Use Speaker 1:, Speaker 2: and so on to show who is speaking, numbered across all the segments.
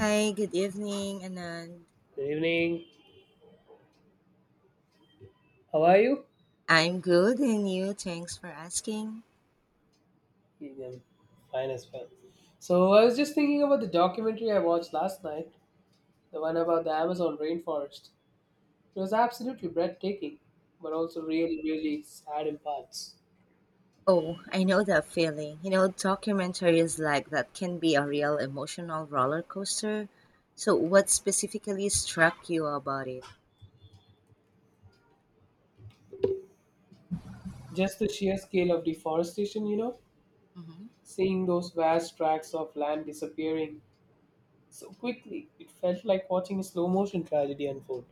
Speaker 1: Hi, good evening, Anand.
Speaker 2: Good evening. How are you?
Speaker 1: I'm good, and you? Thanks for asking.
Speaker 2: I'm fine as well. So I was just thinking about the documentary I watched last night, the one about the Amazon rainforest. It was absolutely breathtaking, but also really, really sad in parts.
Speaker 1: Oh, I know that feeling. You know, documentaries like that can be a real emotional roller coaster. So, what specifically struck you about it?
Speaker 2: Just the sheer scale of deforestation,
Speaker 1: Hmm.
Speaker 2: seeing those vast tracts of land disappearing so quickly, it felt like watching a slow motion tragedy unfold.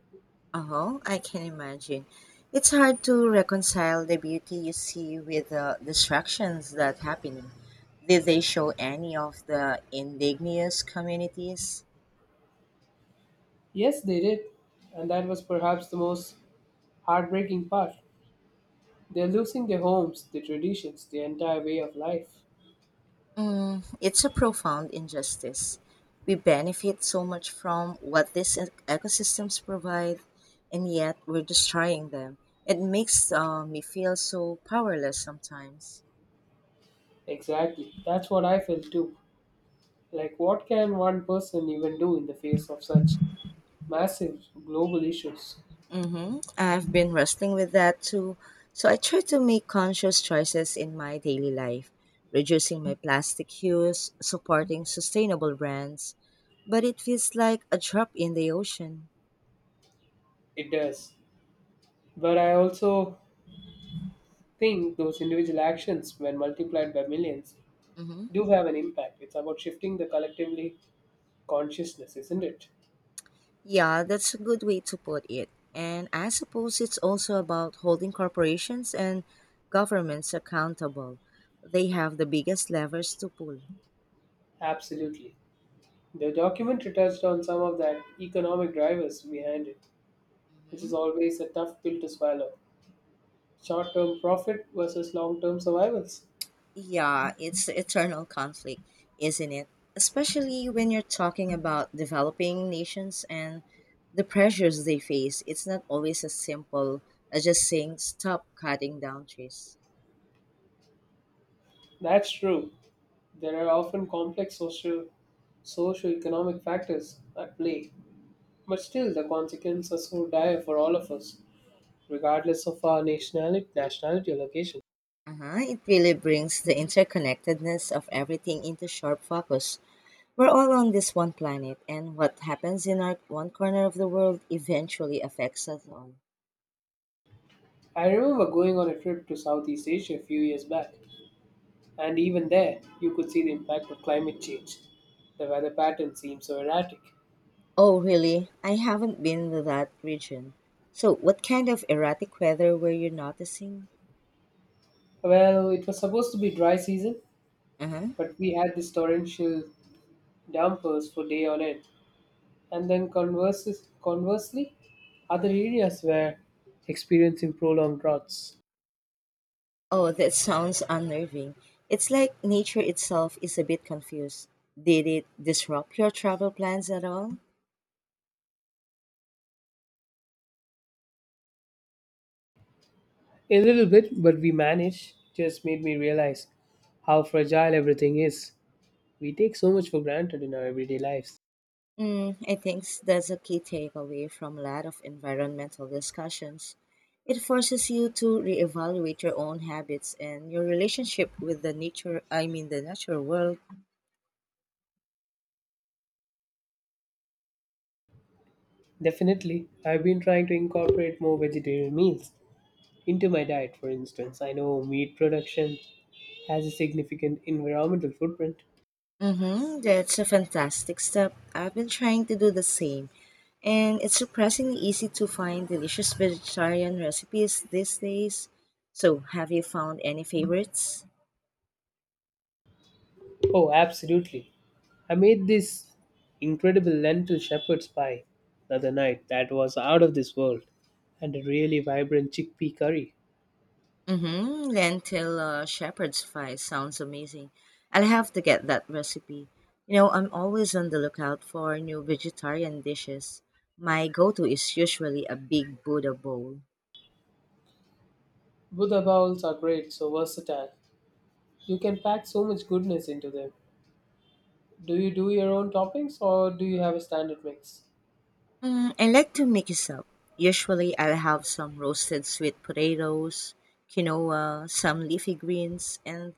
Speaker 1: Oh, I can imagine. It's hard to reconcile the beauty you see with the distractions that happen. Did they show any of the indigenous communities?
Speaker 2: Yes, they did, and that was perhaps the most heartbreaking part. They're losing their homes, their traditions, the entire way of life.
Speaker 1: Mm, it's a profound injustice. We benefit so much from what these ecosystems provide, and yet we're destroying them. It makes me feel so powerless sometimes.
Speaker 2: Exactly. That's what I felt too. Like, what can one person even do in the face of such massive global issues?
Speaker 1: Mm-hmm. I've been wrestling with that too. So I try to make conscious choices in my daily life, reducing my plastic use, supporting sustainable brands, but it feels like a drop in the ocean.
Speaker 2: It does. But I also think those individual actions, when multiplied by millions,
Speaker 1: Mhm.
Speaker 2: do have an impact. It's about shifting the collectively consciousness, isn't it?
Speaker 1: Yeah, that's a good way to put it. And I suppose it's also about holding corporations and governments accountable. They have the biggest levers to pull.
Speaker 2: Absolutely. The documentary touched on some of that economic drivers behind it, which is
Speaker 1: Hmm.
Speaker 2: always a tough pill to swallow. Short-term profit versus long-term survivals.
Speaker 1: Yeah, it's eternal conflict, isn't it? Especially when you're talking about developing nations and the pressures they face. It's not always as simple as just saying stop cutting down trees.
Speaker 2: That's true. There are often complex social socio-economic factors at play, but still the consequences are so dire for all of us, regardless of our nationality or location.
Speaker 1: Uh-huh. It really brings the interconnectedness of everything into sharp focus. We're all on this one planet, and what happens in our one corner of the world eventually affects us all.
Speaker 2: I remember going on a trip to Southeast Asia a few years back, and even there you could see the impact of climate change. The weather pattern seemed so erratic.
Speaker 1: Oh, really? I haven't been to that region. So, what kind of erratic weather were you noticing?
Speaker 2: Well, it was supposed to be dry season,
Speaker 1: Uh huh.
Speaker 2: but we had these torrential downpours for day on end. And then conversely, other areas were experiencing prolonged droughts.
Speaker 1: Oh, that sounds unnerving. It's like nature itself is a bit confused. Did it disrupt your travel plans at all?
Speaker 2: A little bit, but we managed, just made me realize how fragile everything is. We take so much for granted in our everyday lives.
Speaker 1: Mm, I think that's a key takeaway from a lot of environmental discussions. It forces you to reevaluate your own habits and your relationship with the nature, I mean, the natural world.
Speaker 2: Definitely, I've been trying to incorporate more vegetarian meals into my diet, for instance. I know meat production has a significant environmental footprint.
Speaker 1: Mm-hmm, that's a fantastic step. I've been trying to do the same, and it's surprisingly easy to find delicious vegetarian recipes these days. So, have you found any favorites?
Speaker 2: Oh, absolutely. I made this incredible lentil shepherd's pie the other night that was out of this world, and a really vibrant chickpea curry.
Speaker 1: Mm-hmm. Lentil shepherd's pie sounds amazing. I'll have to get that recipe. You know, I'm always on the lookout for new vegetarian dishes. My go-to is usually a big Buddha bowl.
Speaker 2: Buddha bowls are great, so versatile. You can pack so much goodness into them. Do you do your own toppings or do you have a standard mix?
Speaker 1: Mm, I like to mix it up. Usually, I'll have some roasted sweet potatoes, quinoa, some leafy greens, and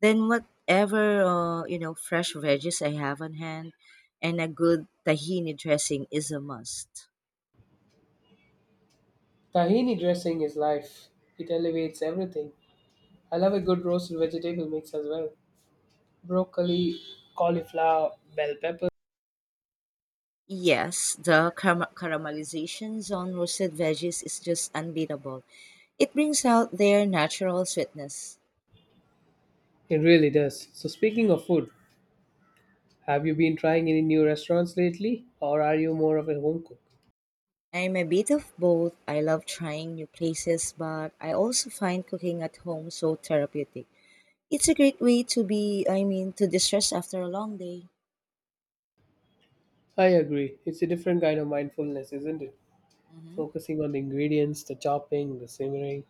Speaker 1: then whatever fresh veggies I have on hand, and a good tahini dressing is a must.
Speaker 2: Tahini dressing is life. It elevates everything. I love a good roasted vegetable mix as well. Broccoli, cauliflower, bell pepper.
Speaker 1: Yes, the caramelizations on roasted veggies is just unbeatable. It brings out their natural sweetness.
Speaker 2: It really does. So, speaking of food, have you been trying any new restaurants lately, or are you more of a home cook?
Speaker 1: I'm a bit of both. I love trying new places, but I also find cooking at home so therapeutic. It's a great way to to distress after a long day.
Speaker 2: I agree. It's a different kind of mindfulness, isn't it?
Speaker 1: Mhm.
Speaker 2: Focusing on the ingredients, the chopping, the simmering.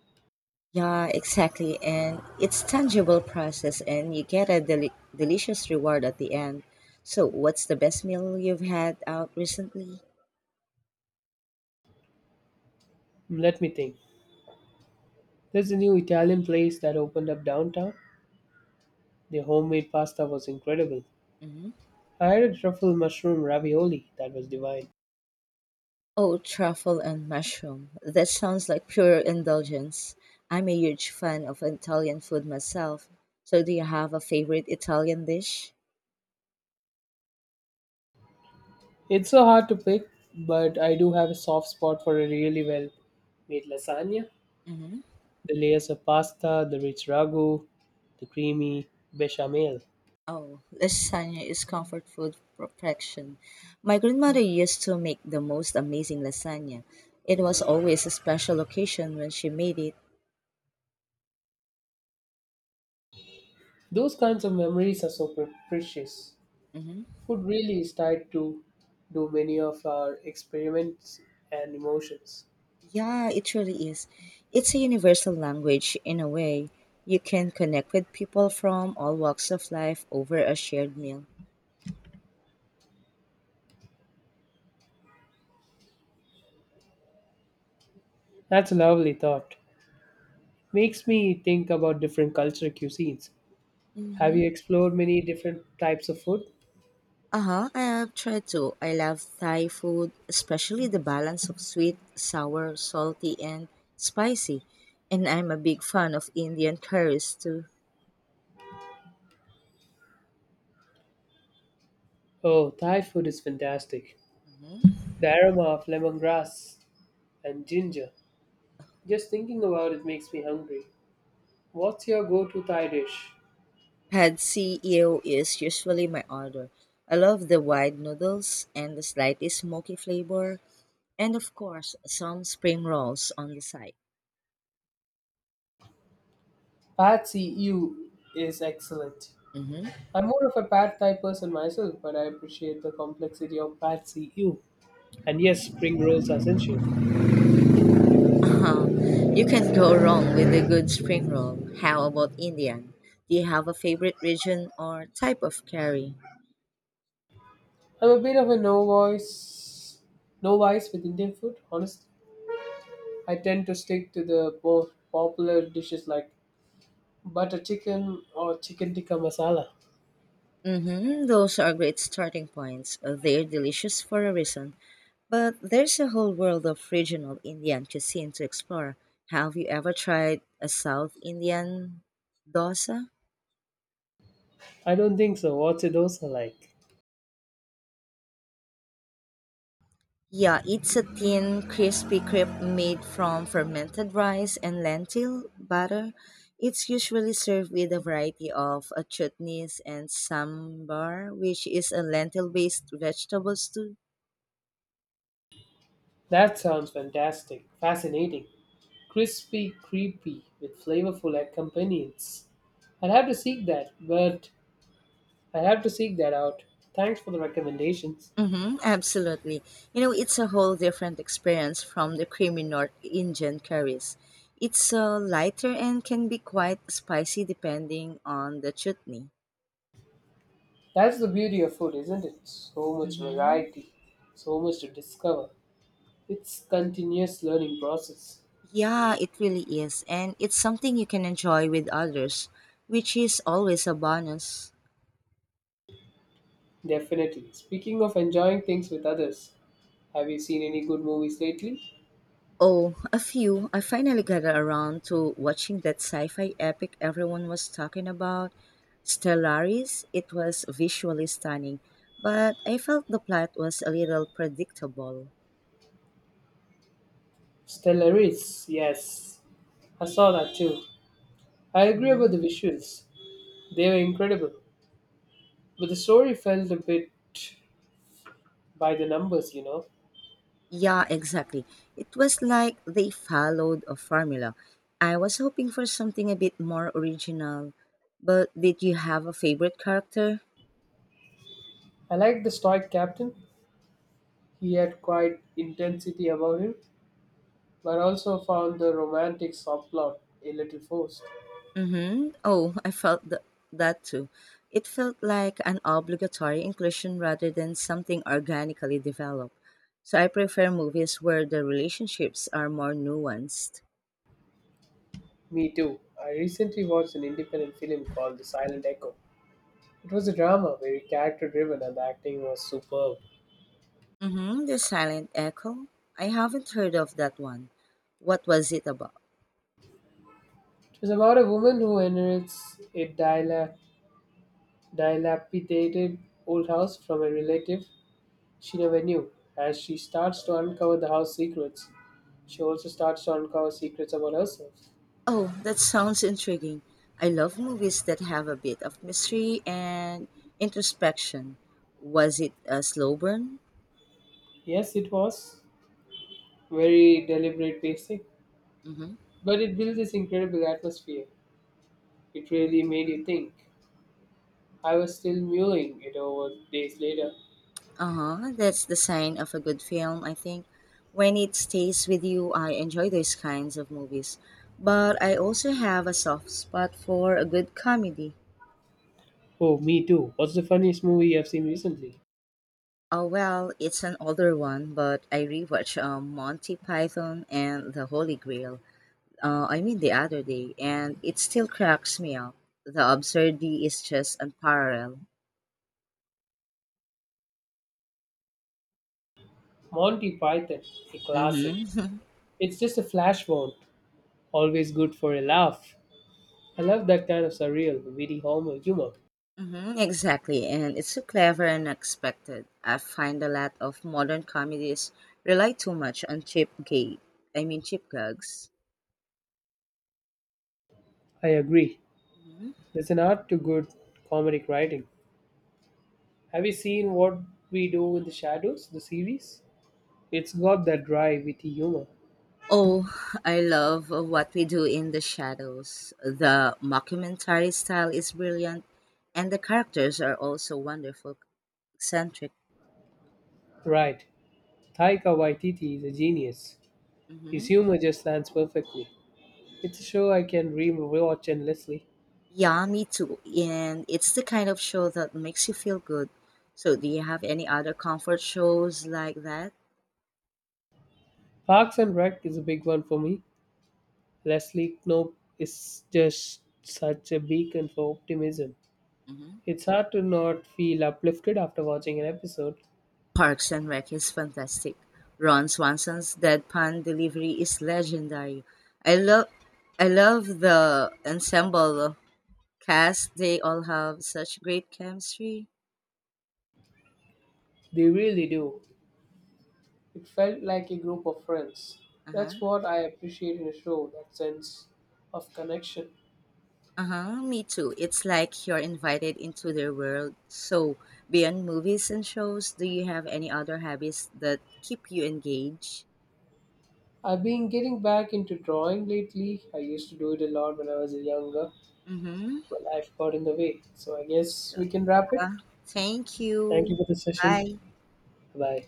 Speaker 1: Yeah, exactly. And it's tangible process and you get a delicious reward at the end. So, what's the best meal you've had out recently?
Speaker 2: Let me think. There's a new Italian place that opened up downtown. Their homemade pasta was incredible.
Speaker 1: Mhm.
Speaker 2: I had a truffle mushroom ravioli that was divine.
Speaker 1: Oh, truffle and mushroom. That sounds like pure indulgence. I'm a huge fan of Italian food myself. So, do you have a favorite Italian dish?
Speaker 2: It's so hard to pick, but I do have a soft spot for a really well made lasagna.
Speaker 1: Hmm.
Speaker 2: The layers of pasta, the rich ragu, the creamy bechamel.
Speaker 1: Oh, lasagna is comfort food perfection. My grandmother used to make the most amazing lasagna. It was always a special occasion when she made it.
Speaker 2: Those kinds of memories are so precious.
Speaker 1: Hmm.
Speaker 2: Food really is tied to do many of our experiments and emotions.
Speaker 1: Yeah, it really is. It's a universal language in a way. You can connect with people from all walks of life over a shared meal.
Speaker 2: That's a lovely thought. Makes me think about different cultural cuisines. Have
Speaker 1: Mm-hmm.
Speaker 2: you explored many different types of food?
Speaker 1: Uh-huh. I have tried to. I love Thai food, especially the balance of sweet, sour, salty, and spicy. And I'm a big fan of Indian curries too.
Speaker 2: Oh, Thai food is fantastic.
Speaker 1: Hmm.
Speaker 2: The aroma of lemongrass and ginger. Just thinking about it makes me hungry. What's your go-to Thai dish?
Speaker 1: Pad see ew is usually my order. I love the wide noodles and the slightly smoky flavor, and of course, some spring rolls on the side.
Speaker 2: Pad See Ew is excellent.
Speaker 1: Mm-hmm.
Speaker 2: I'm more of a pad thai person myself, but I appreciate the complexity of pad see ew. And yes, spring rolls are essential.
Speaker 1: Uh-huh. You can't go wrong with a good spring roll. How about Indian? Do you have a favorite region or type of curry?
Speaker 2: I'm a bit of a no voice, no vice with Indian food. Honestly, I tend to stick to the more popular dishes like butter chicken or chicken tikka masala.
Speaker 1: Mm-hmm, those are great starting points. They're delicious for a reason. But there's a whole world of regional Indian cuisine to explore. Have you ever tried a South Indian dosa?
Speaker 2: I don't think so. What's a dosa like?
Speaker 1: Yeah, it's a thin, crispy crepe made from fermented rice and lentil butter. It's usually served with a variety of chutneys and sambar, which is a lentil-based vegetable stew.
Speaker 2: That sounds fantastic, fascinating, crispy, creepy with flavorful accompaniments. I'd have to seek that, but I have to seek that out. Thanks for the recommendations.
Speaker 1: Mm-hmm, absolutely. You know, it's a whole different experience from the creamy North Indian curries. It's lighter and can be quite spicy depending on the chutney.
Speaker 2: That's the beauty of food, isn't it? So much
Speaker 1: Mm-hmm.
Speaker 2: variety, so much to discover. It's continuous learning process.
Speaker 1: Yeah, it really is. And it's something you can enjoy with others, which is always a bonus.
Speaker 2: Definitely. Speaking of enjoying things with others, have you seen any good movies lately?
Speaker 1: Oh, a few. I finally got around to watching that sci fi epic everyone was talking about Stellaris. It was visually stunning, but I felt the plot was a little predictable.
Speaker 2: Stellaris, yes. I saw that too. I agree about
Speaker 1: Mhm.
Speaker 2: the visuals. They were incredible. But the story felt a bit by the numbers.
Speaker 1: Yeah, exactly. It was like they followed a formula. I was hoping for something a bit more original. But did you have a favorite character?
Speaker 2: I liked the stoic captain. He had quite intensity about him, but also found the romantic subplot a little forced.
Speaker 1: Mm-hmm. Oh, I felt that too. It felt like an obligatory inclusion rather than something organically developed. So I prefer movies where the relationships are more nuanced.
Speaker 2: Me too. I recently watched an independent film called The Silent Echo. It was a drama, very character driven, and the acting was superb.
Speaker 1: Mm-hmm. The Silent Echo? I haven't heard of that one. What was it about?
Speaker 2: It was about a woman who inherits a dilapidated old house from a relative she never knew. As she starts to uncover the house secrets, she also starts to uncover secrets about herself.
Speaker 1: Oh, that sounds intriguing. I love movies that have a bit of mystery and introspection. Was it a slow burn?
Speaker 2: Yes, it was very deliberate pacing,
Speaker 1: Mhm.
Speaker 2: but it built this incredible atmosphere. It really made you think. I was still mulling it over days later.
Speaker 1: Uh-huh. That's the sign of a good film, I think. When it stays with you, I enjoy those kinds of movies. But I also have a soft spot for a good comedy.
Speaker 2: Oh, me too. What's the funniest movie you have seen recently?
Speaker 1: Oh well, it's an older one, but I rewatched Monty Python and The Holy Grail. I mean the other day, and it still cracks me up. The absurdity is just unparalleled.
Speaker 2: Monty Python, a classic.
Speaker 1: Mm-hmm.
Speaker 2: It's just a flash one. Always good for a laugh. I love that kind of surreal, witty humor.
Speaker 1: Hmm, exactly, and it's so clever and unexpected. I find a lot of modern comedies rely too much on cheap gags.
Speaker 2: I agree.
Speaker 1: Hmm.
Speaker 2: There's an art to good comedic writing. Have you seen What We Do in the Shadows, the series? It's got that dry, witty humor.
Speaker 1: Oh, I love what we do in the shadows. The mockumentary style is brilliant, and the characters are also wonderful, eccentric.
Speaker 2: Right. Taika Waititi is a genius. His
Speaker 1: Hmm.
Speaker 2: humor just lands perfectly. It's a show I can re-watch endlessly.
Speaker 1: Yeah, me too. And it's the kind of show that makes you feel good. So, do you have any other comfort shows like that?
Speaker 2: Parks and Rec is a big one for me. Leslie Knope is just such a beacon for optimism.
Speaker 1: Hmm.
Speaker 2: It's hard to not feel uplifted after watching an episode.
Speaker 1: Parks and Rec is fantastic. Ron Swanson's deadpan delivery is legendary. I love I love the ensemble cast. They all have such great chemistry.
Speaker 2: They really do. It felt like a group of friends.
Speaker 1: Uh-huh.
Speaker 2: That's what I appreciate in a show, that sense of connection.
Speaker 1: Uh-huh. Me too. It's like you're invited into their world. So, beyond movies and shows, do you have any other hobbies that keep you engaged?
Speaker 2: I've been getting back into drawing lately. I used to do it a lot when I was younger,
Speaker 1: Mm-hmm.
Speaker 2: but life got in the way. So I guess
Speaker 1: So,
Speaker 2: we can wrap it.
Speaker 1: yeah. Thank
Speaker 2: Thank you
Speaker 1: you.
Speaker 2: for the session.
Speaker 1: Bye.
Speaker 2: Bye.